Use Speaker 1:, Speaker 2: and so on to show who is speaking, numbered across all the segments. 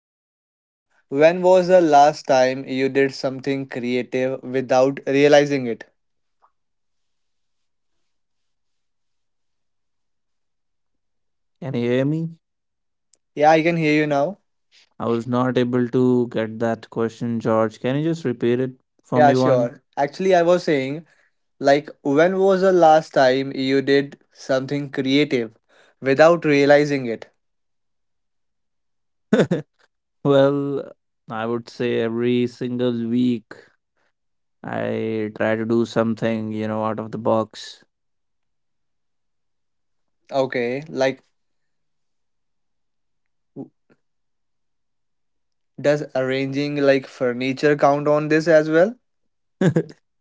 Speaker 1: question. When was the last time you did something creative without realizing it?
Speaker 2: Can you hear me?
Speaker 1: Yeah, I can hear you now.
Speaker 2: I was not able to get that question, George. Can you just repeat it for
Speaker 1: Yeah,
Speaker 2: me one?
Speaker 1: sure. Actually, I was saying, like, when was the last time you did something creative without realizing it?
Speaker 2: Well, I would say every single week I try to do something, you know, out of the box.
Speaker 1: Okay, like, w- does arranging like furniture count on this as well?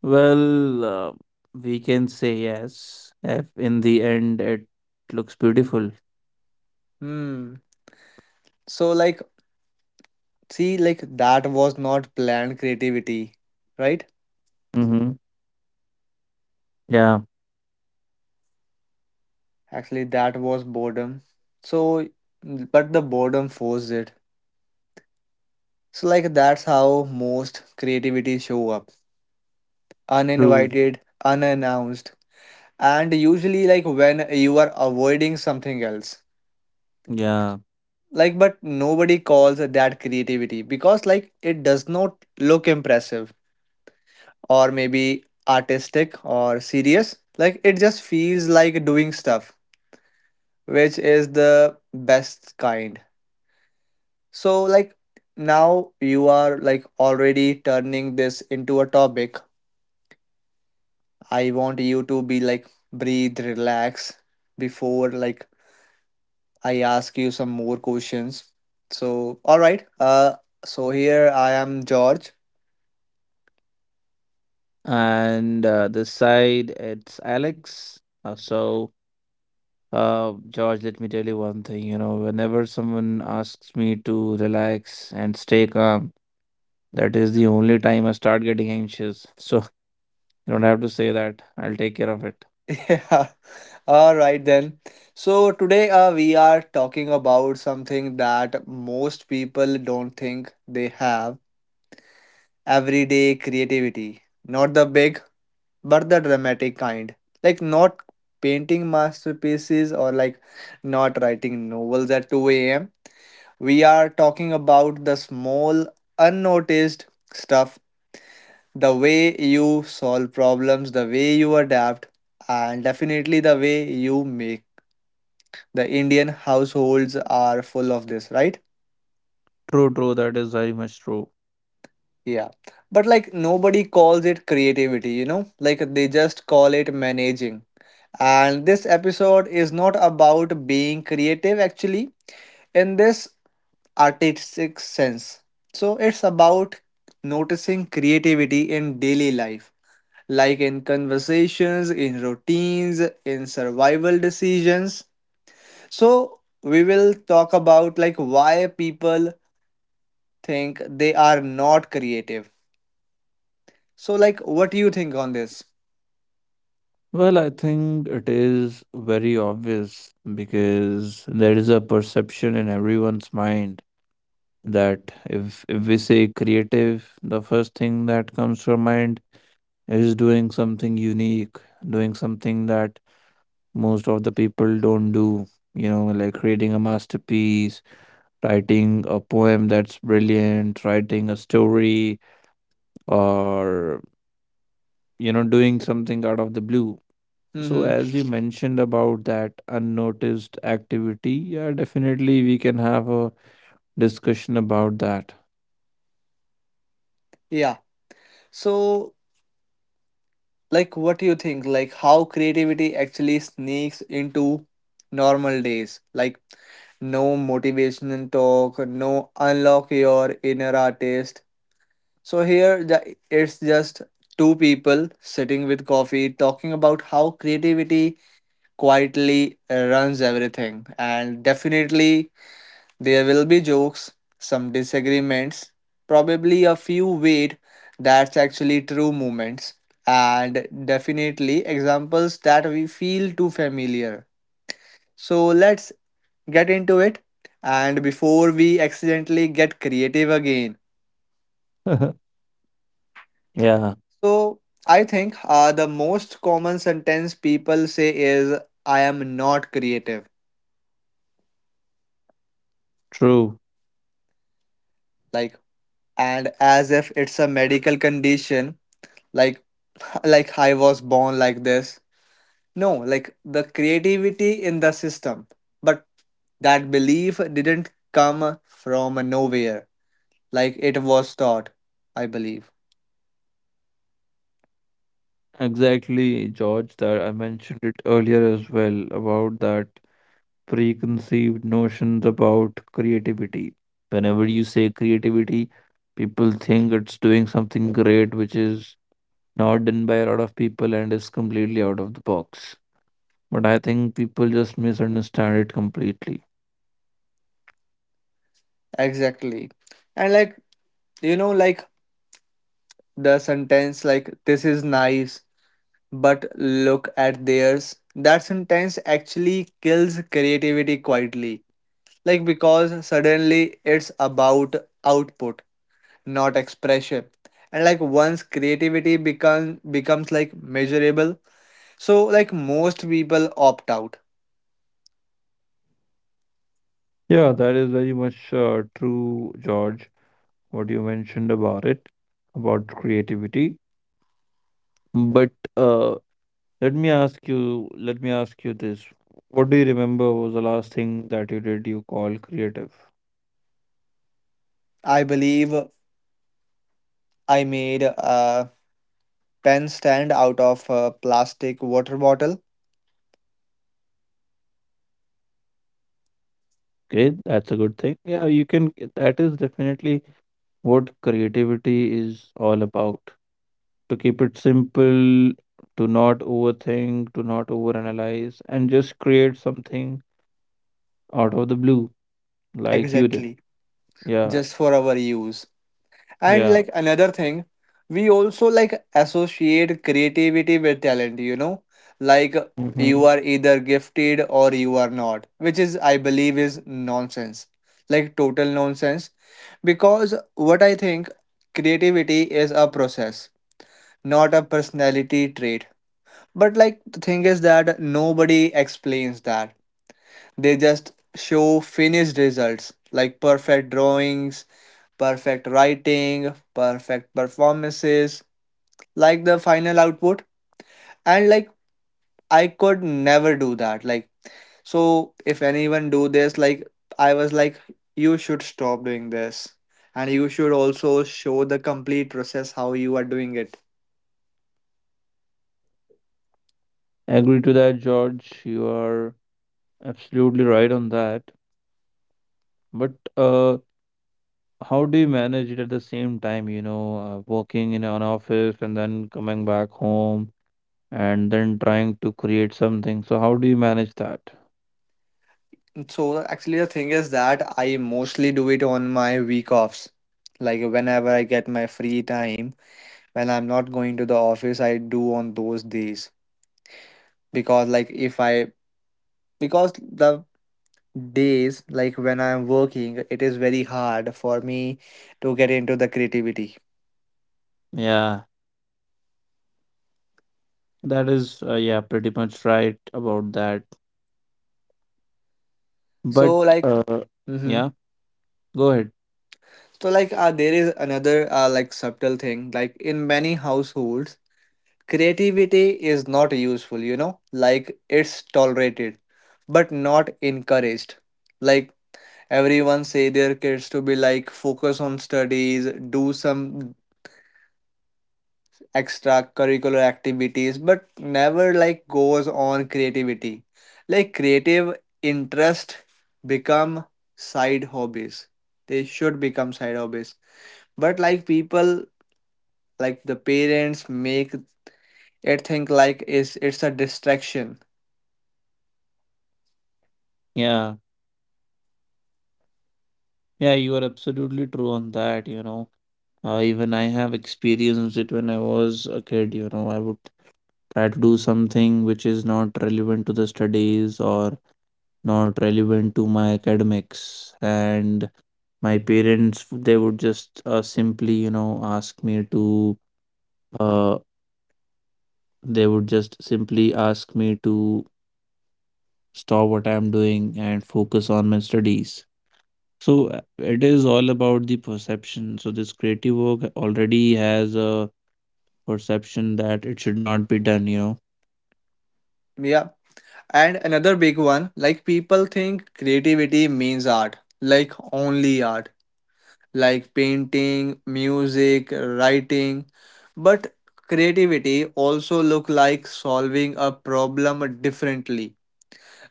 Speaker 2: Well, we can say yes if in the end it looks beautiful.
Speaker 1: Hmm. So, like, see, like, that was not planned creativity, right?
Speaker 2: Mm-hmm. Yeah,
Speaker 1: Actually, that was boredom. So, but the boredom forced it. So, like, that's how most creativity show up.
Speaker 2: true.
Speaker 1: Uninvited, unannounced, and usually like when you are avoiding something else.
Speaker 2: Yeah.
Speaker 1: Like, but nobody calls that creativity because like it does not look impressive or maybe artistic or serious. Like, it just feels like doing stuff, which is the best kind. So, like, now you are like already turning this into a topic. I want you to be like, breathe, relax before like I ask you some more questions. So, all right. So here I am, George.
Speaker 2: And this side, it's Alex. George, let me tell you one thing. You know, whenever someone asks me to relax and stay calm, that is the only time I start getting anxious. So you don't have to say that. I'll take care of it.
Speaker 1: Yeah. All right then. So today we are talking about something that most people don't think they have everyday creativity. Not the big but the dramatic kind. Like not painting masterpieces or like not writing novels at 2 a.m. We are talking about the small, unnoticed stuff, the way you solve problems, the way you adapt, and definitely the way you make. The Indian households are full of this, right?
Speaker 2: True, true. That is very much true.
Speaker 1: Yeah. But like nobody calls it creativity, you know? Like they just call it managing. And this episode is not about being creative actually in this artistic sense. So it's about noticing creativity in daily life, like in conversations, in routines, in survival decisions. So we will talk about like why people think they are not creative. So like what do you think on this?
Speaker 2: Well, I think it is very obvious because there is a perception in everyone's mind that if we say creative, the first thing that comes to our mind is doing something unique, doing something that most of the people don't do. You know, like creating a masterpiece, writing a poem that's brilliant, writing a story, or, you know, doing something out of the blue. So,
Speaker 1: Mhm.
Speaker 2: as you mentioned about that unnoticed activity, yeah, definitely we can have a discussion about that.
Speaker 1: Yeah. So like what do you think like how creativity actually sneaks into normal days, like no motivational talk, no unlock your inner artist. So here the, it's just two people sitting with coffee talking about how creativity quietly runs everything, and definitely there will be jokes, some disagreements, probably a few wait, that's actually true moments, and definitely examples that we feel too familiar. So let's get into it. And before we accidentally get creative again,
Speaker 2: Yeah,
Speaker 1: so I think the most common sentence people say is, I am not creative.
Speaker 2: true.
Speaker 1: Like, and as if it's a medical condition, like, like I was born like this. No, like the creativity in the system. But that belief didn't come from nowhere. Like it was taught, I believe.
Speaker 2: Exactly, George, that I mentioned it earlier as well about that preconceived notions about creativity. Whenever you say creativity, people think it's doing something great, which is not done by a lot of people and is completely out of the box. But I think people just misunderstand it completely.
Speaker 1: Exactly. And like, you know, like the sentence, like, this is nice, but look at theirs. That sentence actually kills creativity quietly. Like, because suddenly it's about output, not expression. And like, once creativity becomes like measurable, so like most people opt out.
Speaker 2: Yeah, that is very much true, George, what you mentioned about it, about creativity. But uh, let me ask you this. What do you remember was the last thing that you call creative?
Speaker 1: I believe I made a pen stand out of a plastic water bottle
Speaker 2: Okay, that's a good thing. Yeah, you can. That is definitely what creativity is all about. To keep it simple, to not overthink, to not overanalyze, and just create something out of the blue, like you did.
Speaker 1: exactly
Speaker 2: Yeah,
Speaker 1: just for our use. And
Speaker 2: yeah.
Speaker 1: like another thing, we also like associate creativity with talent, you know, like
Speaker 2: Mm-hmm.
Speaker 1: you are either gifted or you are not, which is I believe is nonsense, like total nonsense. Because what I think, creativity is a process, not a personality trait. But like the thing is that nobody explains that. They just show finished results, like perfect drawings, perfect writing, perfect performances, like the final output. And like, I could never do that. Like, so if anyone do this, like I was like, you should stop doing this. And you should also show the complete process, how you are doing it.
Speaker 2: Agree to that, George. You are absolutely right on that. But how do you manage it at the same time? You know, working in an office and then coming back home and then trying to create something. So how do you manage that?
Speaker 1: So actually the thing is that I mostly do it on my week offs. Like whenever I get my free time, when I'm not going to the office, I do on those days. Because like if I, because the days like when I'm working, it is very hard for me to get into the creativity.
Speaker 2: Yeah, that is yeah, pretty much right about that. But
Speaker 1: So like
Speaker 2: uh
Speaker 1: mm-hmm.
Speaker 2: yeah, go ahead.
Speaker 1: So like there is another like subtle thing, like in many households creativity is not useful, you know, like it's tolerated but not encouraged. Like everyone say their kids to be like focus on studies, do some extracurricular activities, but never like goes on creativity. Like creative interest become side hobbies, they should become side hobbies, but like people, like the parents make it think like is, it's a distraction.
Speaker 2: Yeah. Yeah, you are absolutely true on that, you know. Even I have experienced it when I was a kid, you know, I would try to do something which is not relevant to the studies or not relevant to my academics, and my parents they would just simply, you know, ask me to uh, they would just simply ask me to stop what I'm doing and focus on my studies. So it is all about the perception. So this creative work already has a perception that it should not be done, you know.
Speaker 1: Yeah, and another big one, like people think creativity means art, like only art, like painting, music, writing, but creativity also look like solving a problem differently,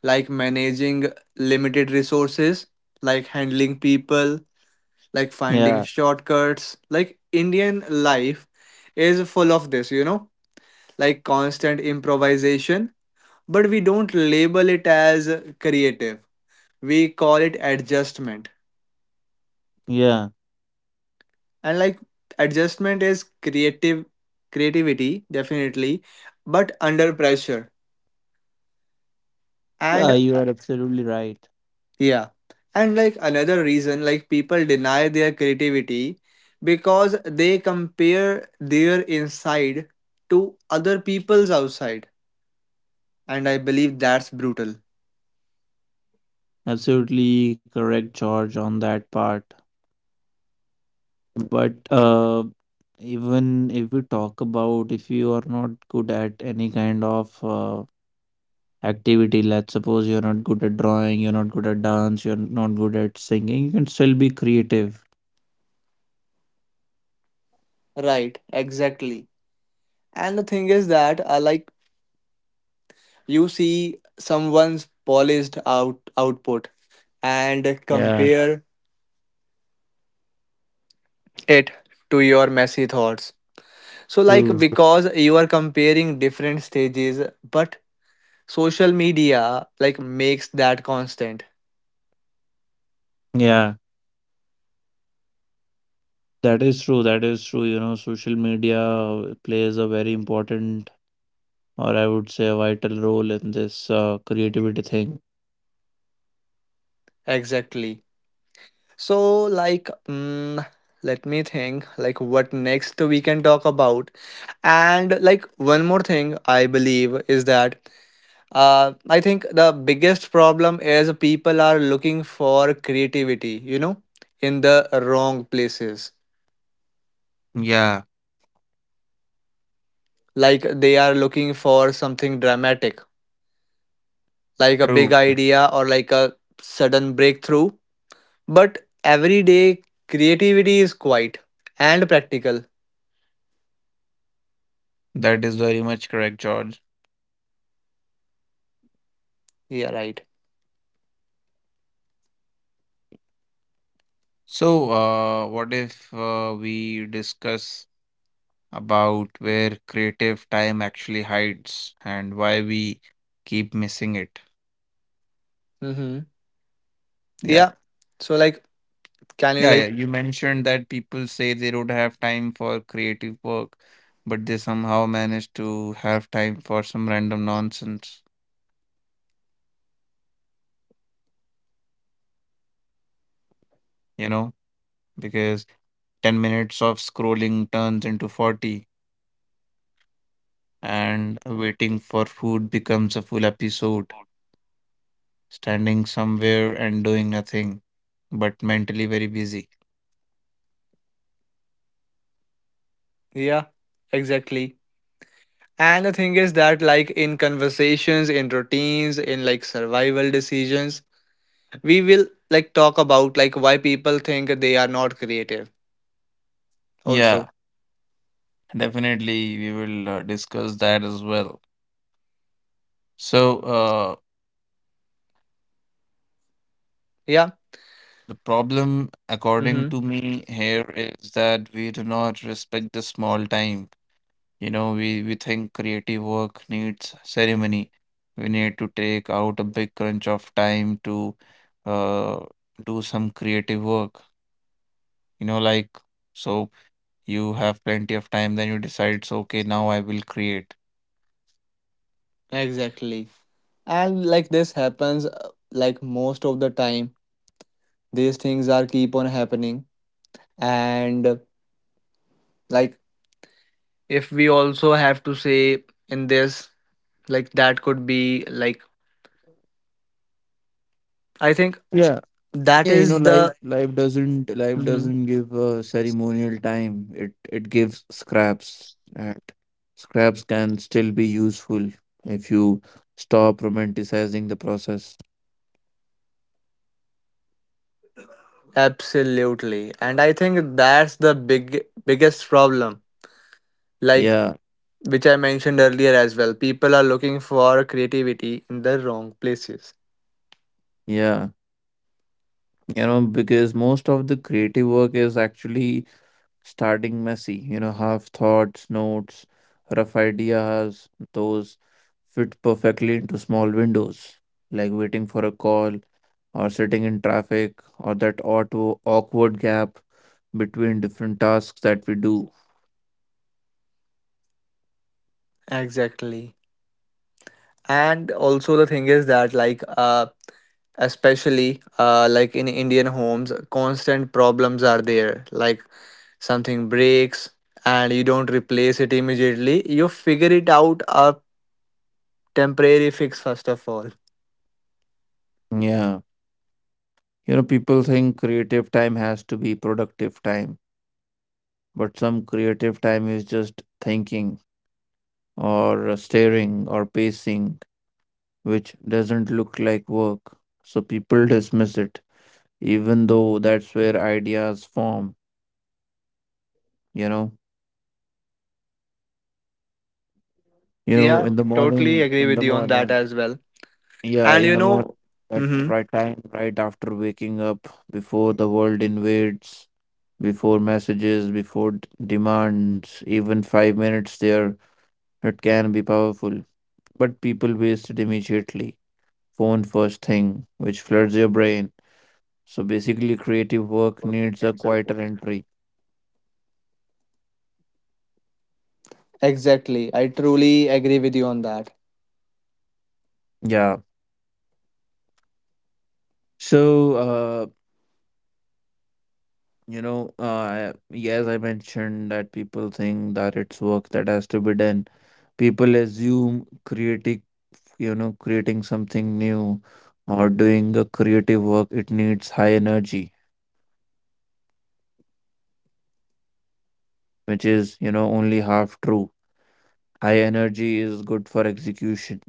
Speaker 1: like managing limited resources, like handling people, like finding
Speaker 2: Yeah,
Speaker 1: shortcuts. Like Indian life is full of this, you know, like constant improvisation, but we don't label it as creative. We call it adjustment.
Speaker 2: yeah.
Speaker 1: And like adjustment is creative creativity definitely, but under pressure.
Speaker 2: Yeah,
Speaker 1: And
Speaker 2: you are absolutely right.
Speaker 1: yeah. And like another reason like people deny their creativity, because they compare their inside to other people's outside, and I believe that's brutal.
Speaker 2: Absolutely correct, George, on that part. But even if we talk about, if you are not good at any kind of activity. Let's suppose you're not good at drawing, you're not good at dance, you're not good at singing. You can still be creative.
Speaker 1: Right, exactly. And the thing is that like, you see someone's polished out output and
Speaker 2: Yeah,
Speaker 1: compare it to your messy thoughts. So like
Speaker 2: true.
Speaker 1: because you are comparing different stages, but social media like makes that constant.
Speaker 2: Yeah, that is true. That is true. You know, social media plays a very important, or I would say, a vital role in this creativity thing.
Speaker 1: Exactly. So, like, let me think, like, what next we can talk about. And, like, one more thing I believe is that I think the biggest problem is people are looking for creativity, you know, in the wrong places.
Speaker 2: Yeah,
Speaker 1: Like, they are looking for something dramatic, like a big
Speaker 2: true.
Speaker 1: idea or like a sudden breakthrough. But every day, creativity is quiet and practical.
Speaker 2: That is very much correct, George.
Speaker 1: Yeah, right.
Speaker 2: So, what if we discuss about where creative time actually hides and why we keep missing it?
Speaker 1: Mm-hmm.
Speaker 2: Yeah.
Speaker 1: Yeah. So like, can you
Speaker 2: Yeah, yeah.
Speaker 1: like,
Speaker 2: You mentioned that people say they don't have time for creative work, but they somehow manage to have time for some random nonsense, you know, because 10 minutes of scrolling turns into 40, and waiting for food becomes a full episode, standing somewhere and doing nothing, but mentally very busy.
Speaker 1: yeah, exactly. And the thing is that like in conversations, in routines, in like survival decisions, we will like talk about like why people think they are not creative also.
Speaker 2: Yeah, definitely we will discuss that as well. So,
Speaker 1: Yeah.
Speaker 2: the problem, according
Speaker 1: Mhm.
Speaker 2: to me, here is that we do not respect the small time. You know, we think creative work needs ceremony. We need to take out a big crunch of time to uh, do some creative work. You know, like, so you have plenty of time, then you decide, so okay, now I will create.
Speaker 1: Exactly. And like this happens like most of the time, these things are keep on happening, and like if we also have to say in this, like that could be like, I think that
Speaker 2: Yeah, you know,
Speaker 1: is
Speaker 2: life
Speaker 1: the.
Speaker 2: life doesn't life
Speaker 1: Mhm.
Speaker 2: doesn't give a ceremonial time. It gives scraps, and scraps can still be useful if you stop romanticizing the process.
Speaker 1: Absolutely, and I think that's the biggest problem. Like
Speaker 2: Yeah,
Speaker 1: which I mentioned earlier as well, people are looking for creativity in the wrong places.
Speaker 2: yeah. You know, because most of the creative work is actually starting messy. You know, half thoughts, notes, rough ideas, those fit perfectly into small windows, like waiting for a call or sitting in traffic or that auto awkward gap between different tasks that we do.
Speaker 1: Exactly, and also the thing is that like especially like in Indian homes, constant problems are there. Like something breaks and you don't replace it immediately, you figure it out a temporary fix first of all.
Speaker 2: Yeah. You know, people think creative time has to be productive time, but some creative time is just thinking or staring or pacing, which doesn't look like work. So people dismiss it, even though that's where ideas form, you know. You know,
Speaker 1: Yeah, totally agree with you on that as well. And
Speaker 2: In the morning, at
Speaker 1: hmm
Speaker 2: right time, right after waking up, before the world invades, before messages, before demands, even 5 minutes there, it can be powerful. But people waste it immediately. Phone first thing, which floods your brain. So basically, creative work needs a quieter entry.
Speaker 1: exactly. I truly agree with you on that.
Speaker 2: Yeah. So, uh, you know, yes, I mentioned that people think that it's work that has to be done. People assume creating, you know, creating something new or doing a creative work, it needs high energy, which is, you know, only half true. High energy is good for execution,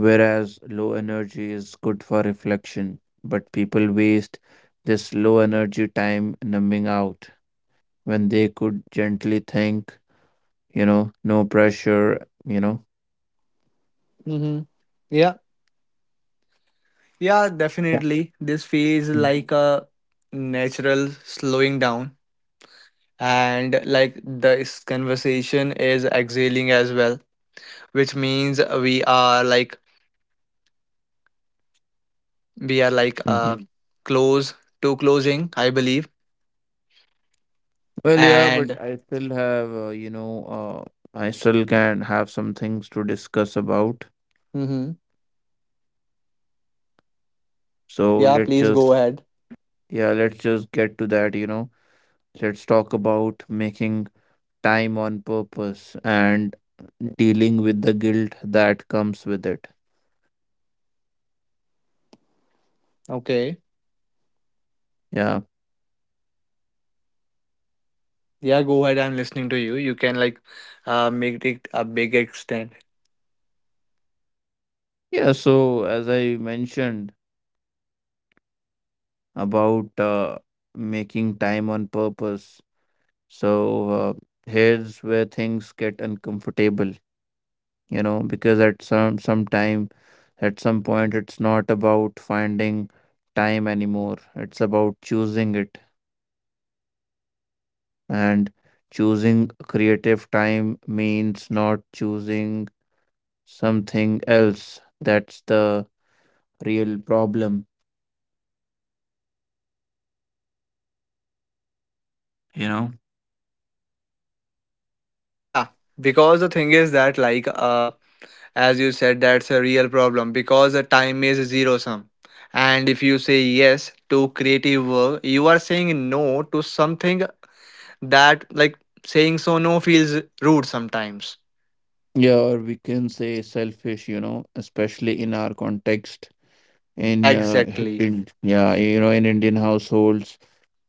Speaker 2: whereas low energy is good for reflection. But people waste this low energy time numbing out when they could gently think, you know, no pressure, you know.
Speaker 1: hmm Yeah, yeah,
Speaker 2: Yeah.
Speaker 1: definitely. This phase like a natural slowing down, and like this conversation is exhaling as well, which means we are like we are like
Speaker 2: Mm-hmm.
Speaker 1: uh close to closing, I believe.
Speaker 2: Well, yeah,
Speaker 1: And
Speaker 2: but I still have, you know, I still can have some things to discuss about.
Speaker 1: hmm
Speaker 2: So
Speaker 1: yeah,
Speaker 2: let's
Speaker 1: please go
Speaker 2: just,
Speaker 1: ahead.
Speaker 2: yeah, let's just get to that, you know. Let's talk about making time on purpose and dealing with the guilt that comes with it.
Speaker 1: Okay.
Speaker 2: Yeah.
Speaker 1: Yeah, go ahead. I'm listening to you. You can like make it a big extent.
Speaker 2: Yeah. So, as I mentioned about making time on purpose, so here's where things get uncomfortable, you know, because at some point, it's not about finding time anymore. It's about choosing it, and choosing creative time means not choosing something else. That's the real problem, you know.
Speaker 1: Yeah, because the thing is that like as you said, that's a real problem because the time is zero sum. And if you say yes to creative work, you are saying no to something that like, saying so no feels rude sometimes.
Speaker 2: Yeah, or we can say selfish, you know, especially in our context,
Speaker 1: Exactly.
Speaker 2: in yeah you know in indian households,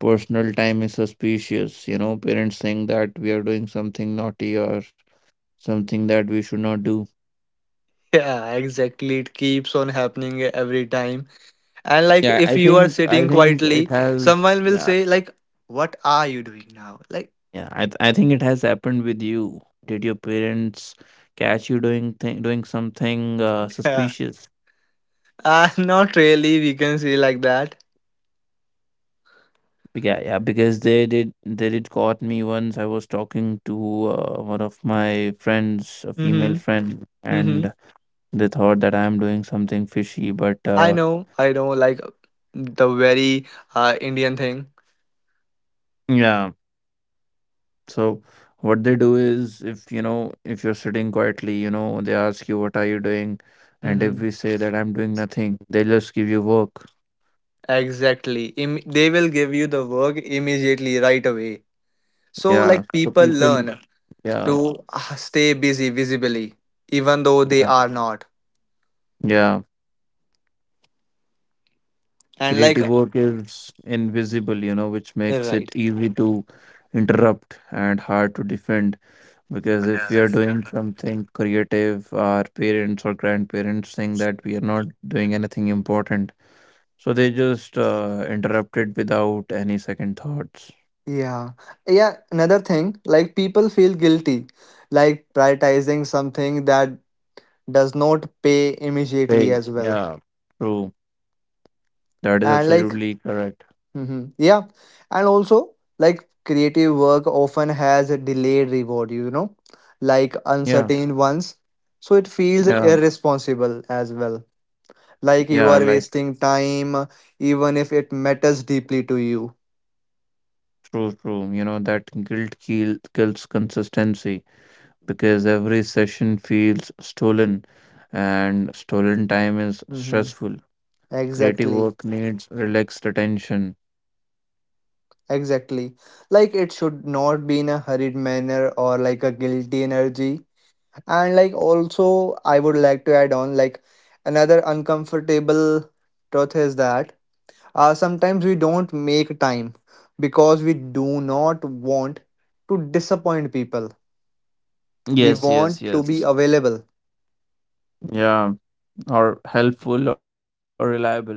Speaker 2: personal time is suspicious, you know. Parents think that we are doing something naughty or something that we should not do.
Speaker 1: Yeah, exactly. It keeps on happening every time, and like
Speaker 2: Yeah,
Speaker 1: if
Speaker 2: i
Speaker 1: you are
Speaker 2: think I
Speaker 1: sitting
Speaker 2: think it
Speaker 1: quietly
Speaker 2: has
Speaker 1: someone will
Speaker 2: yeah
Speaker 1: say like, what are you doing now, like.
Speaker 2: yeah I, th- I think it has happened with you. Did your parents catch you doing something
Speaker 1: uh,
Speaker 2: suspicious?
Speaker 1: not really, we can say like that.
Speaker 2: Yeah, yeah, because they did caught me once. I was talking to one of my friends, a female
Speaker 1: Mm-hmm.
Speaker 2: friend,
Speaker 1: Mm-hmm.
Speaker 2: and they thought that I'm doing something fishy, but
Speaker 1: i know i know like the very Indian thing.
Speaker 2: yeah. So what they do is, if you know, if you're sitting quietly, you know, they ask you, "What are you doing?" And if
Speaker 1: Mm-hmm.
Speaker 2: we say that I'm doing nothing, they just give you work.
Speaker 1: Exactly, they will give you the work immediately right away, so
Speaker 2: Yeah.
Speaker 1: like
Speaker 2: So
Speaker 1: people
Speaker 2: people,
Speaker 1: learn to
Speaker 2: yeah,
Speaker 1: stay busy visibly even though they
Speaker 2: yeah,
Speaker 1: are not,
Speaker 2: yeah.
Speaker 1: and like
Speaker 2: Creative work is invisible, you know, which makes it
Speaker 1: right.
Speaker 2: easy to interrupt and hard to defend. Because if we are doing something creative, our parents or grandparents think that we are not doing anything important. So they just interrupted without any second thoughts.
Speaker 1: Yeah. Yeah. Another thing, like people feel guilty, like prioritizing something that does not pay immediately
Speaker 2: They,
Speaker 1: as well.
Speaker 2: yeah, true. That is
Speaker 1: And like,
Speaker 2: absolutely correct.
Speaker 1: mhm, yeah. And also, like, creative work often has a delayed reward, you know, like
Speaker 2: Yeah,
Speaker 1: uncertain ones. So it feels
Speaker 2: yeah,
Speaker 1: irresponsible as well. Like you
Speaker 2: yeah.
Speaker 1: are
Speaker 2: Like,
Speaker 1: wasting time, even if it matters deeply to you.
Speaker 2: true, true. You know that guilt kills consistency because every session feels stolen, and stolen time is
Speaker 1: hmm
Speaker 2: stressful. Creative
Speaker 1: Exactly.
Speaker 2: work needs relaxed attention.
Speaker 1: Exactly. Like it should not be in a hurried manner or like a guilty energy. And like also, I would like to add on, like another uncomfortable truth is that sometimes we don't make time because we do not want to disappoint people. We
Speaker 2: Yes, yes,
Speaker 1: want to be
Speaker 2: yes.
Speaker 1: available.
Speaker 2: Yeah, or helpful or reliable.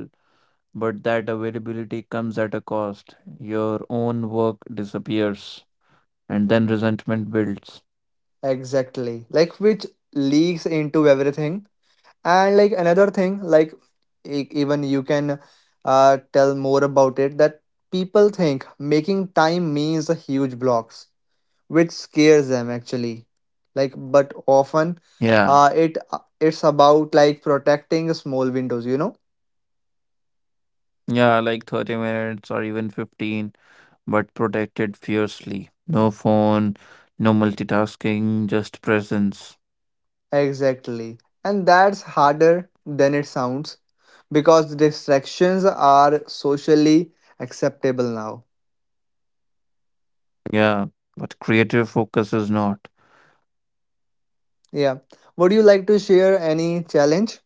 Speaker 2: But that availability comes at a cost. Your own work disappears, and then resentment builds.
Speaker 1: Exactly. Like, which leaks into everything. And like another thing like, even you can tell more about it, that people think making time means a huge blocks, which scares them actually. Like, but often
Speaker 2: Yeah,
Speaker 1: uh, it uh, it's about like protecting small windows, you know.
Speaker 2: yeah, like 30 minutes or even 15, but protected fiercely. No phone, no multitasking, just presence.
Speaker 1: Exactly, and that's harder than it sounds because distractions are socially acceptable now.
Speaker 2: Yeah, but creative focus is not.
Speaker 1: Yeah, would you like to share any challenge.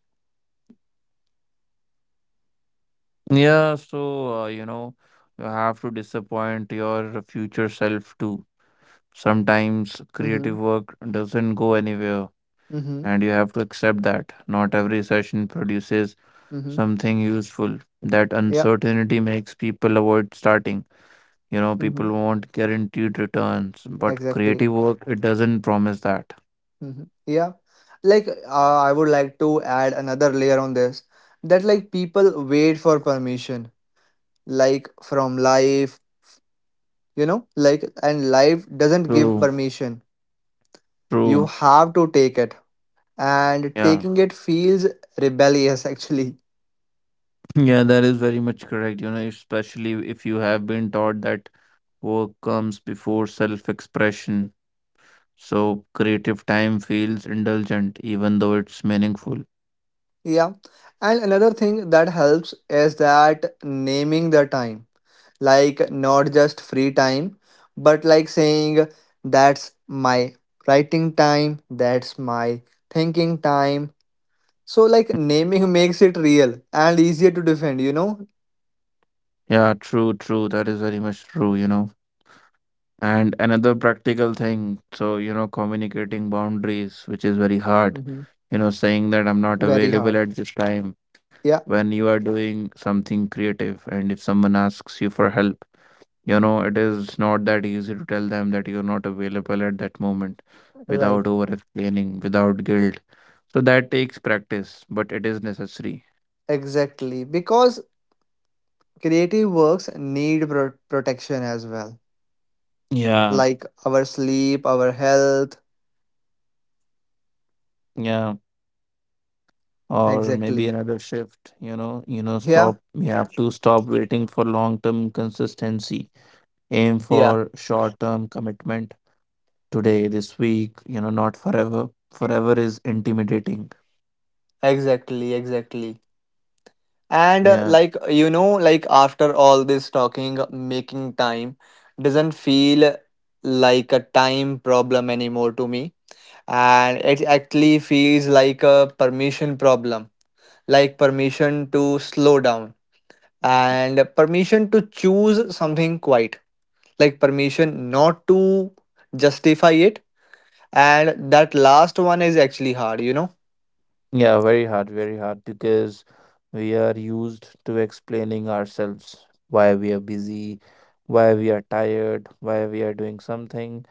Speaker 2: Yeah, so, you know, you have to disappoint your future self too. Sometimes
Speaker 1: Mm-hmm.
Speaker 2: creative work doesn't go anywhere
Speaker 1: Mm-hmm.
Speaker 2: and you have to accept that not every session produces
Speaker 1: Mm-hmm.
Speaker 2: something useful. That
Speaker 1: Yeah,
Speaker 2: uncertainty makes people avoid starting. You know, people
Speaker 1: hmm
Speaker 2: want guaranteed returns, but creative
Speaker 1: exactly.
Speaker 2: work, it doesn't promise that.
Speaker 1: Yeah, like I would like to add another layer on this, that like people wait for permission, like from life, you know, like, and life doesn't give
Speaker 2: True,
Speaker 1: permission.
Speaker 2: true.
Speaker 1: You have to take it, and
Speaker 2: Yeah,
Speaker 1: taking it feels rebellious actually.
Speaker 2: yeah, that is very much correct. You know, especially if you have been taught that work comes before self expression. So creative time feels indulgent, even though it's meaningful.
Speaker 1: Yeah. And another thing that helps is that naming the time. Like not just free time, but like saying that's my writing time, that's my thinking time. So like naming makes it real and easier to defend, you know?
Speaker 2: Yeah, true, true. That is very much true, you know. And another practical thing, so, you know, communicating boundaries, which is very hard,
Speaker 1: Mhm.
Speaker 2: you know, saying that I'm not
Speaker 1: Very
Speaker 2: available
Speaker 1: hard.
Speaker 2: at this time
Speaker 1: Yeah,
Speaker 2: when you are doing something creative. And if someone asks you for help, you know, it is not that easy to tell them that you're not available at that moment without
Speaker 1: right.
Speaker 2: over explaining, without guilt. So that takes practice, but it is necessary.
Speaker 1: Exactly. Because creative works need protection as well.
Speaker 2: Yeah.
Speaker 1: Like our sleep, our health.
Speaker 2: Yeah. Or maybe
Speaker 1: Exactly.
Speaker 2: another shift, you know,
Speaker 1: Yeah.
Speaker 2: stop we have to stop waiting for long term consistency, aim for short term commitment today, this week, you know, not forever. Forever is intimidating.
Speaker 1: Exactly, exactly. And
Speaker 2: Yeah,
Speaker 1: like, you know, like after all this talking, making time doesn't feel like a time problem anymore to me. And it actually feels like a permission problem, like permission to slow down, and permission to choose something quiet, like permission not to justify it. And that last one is actually hard, you know?
Speaker 2: yeah, very hard, very hard, because we are used to explaining ourselves why we are busy, why we are tired, why we are doing something.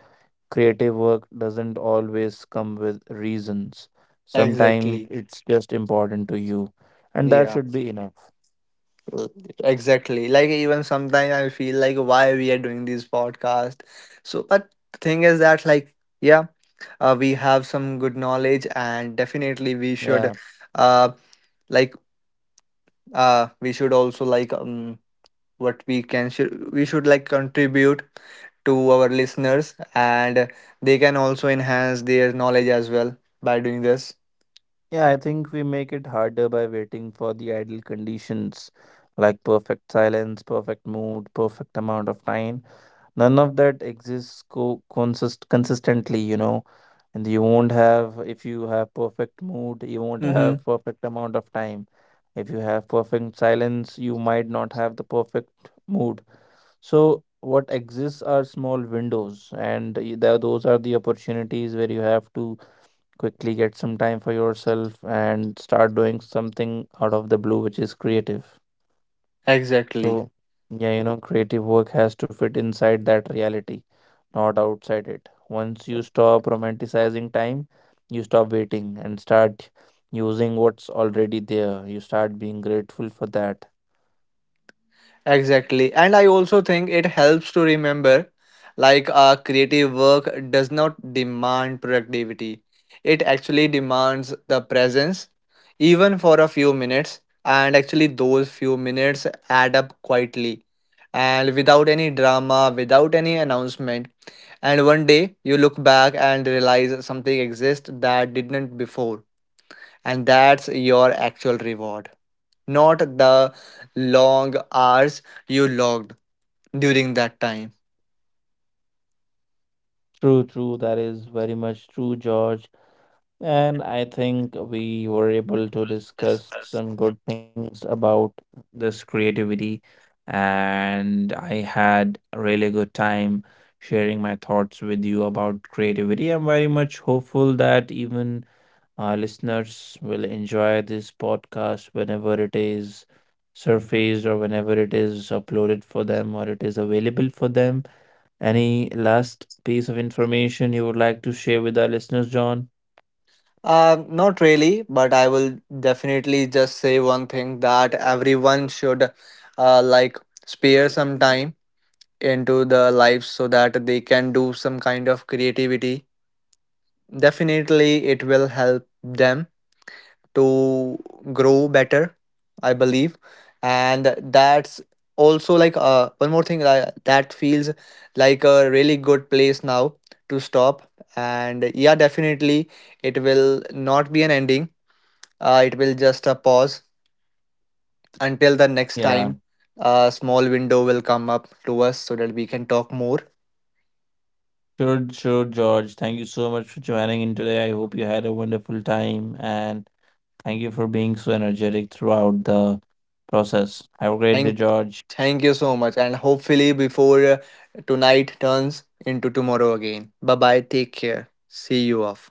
Speaker 2: Creative work doesn't always come with reasons. Sometimes
Speaker 1: Exactly.
Speaker 2: it's just important to you, and that
Speaker 1: Yeah.
Speaker 2: should be enough.
Speaker 1: Exactly. Like even sometimes I feel like why we are doing this podcast. So, but the thing is that like, yeah, we have some good knowledge and definitely
Speaker 2: Yeah.
Speaker 1: uh, like we should also like what we should like contribute to our listeners, and they can also enhance their knowledge as well by doing this.
Speaker 2: Yeah, I think we make it harder by waiting for the ideal conditions like perfect silence, perfect mood, perfect amount of time. None of that exists consistently, you know. And you won't have, if you have perfect mood, you won't
Speaker 1: Mm-hmm.
Speaker 2: have perfect amount of time. If you have perfect silence, you might not have the perfect mood. So what exists are small windows, and those are the opportunities where you have to quickly get some time for yourself and start doing something out of the blue, which is creative.
Speaker 1: Exactly.
Speaker 2: So yeah, you know, creative work has to fit inside that reality, not outside it. Once you stop romanticizing time, you stop waiting and start using what's already there. You start being grateful for that.
Speaker 1: Exactly. And I also think it helps to remember, like our creative work does not demand productivity. It actually demands the presence, even for a few minutes. And actually, those few minutes add up quietly and without any drama, without any announcement. And one day you look back and realize something exists that didn't before. And that's your actual reward, not the long hours you logged during that time?
Speaker 2: True, true. That is very much true, George. And I think we were able to discuss some good things about this creativity. And I had a really good time sharing my thoughts with you about creativity. I'm very much hopeful that even our listeners will enjoy this podcast whenever it is surfaced or whenever it is uploaded for them or it is available for them. Any last piece of information you would like to share with our listeners, John?
Speaker 1: Not really, but I will definitely just say one thing, that everyone should like spare some time into their lives so that they can do some kind of creativity. Definitely, it will help them to grow better, I believe. And that's also like one more thing, that feels like a really good place now to stop. And yeah, definitely it will not be an ending. It will just a pause until the next
Speaker 2: Yeah.
Speaker 1: time a small window will come up to us so that we can talk more.
Speaker 2: Sure, sure, George. Thank you so much for joining in today. I hope you had a wonderful time and thank you for being so energetic throughout the process. Have a great day,
Speaker 1: Thank,
Speaker 2: George.
Speaker 1: thank you so much. And hopefully before tonight turns into tomorrow again. Bye bye. Take care. See you off.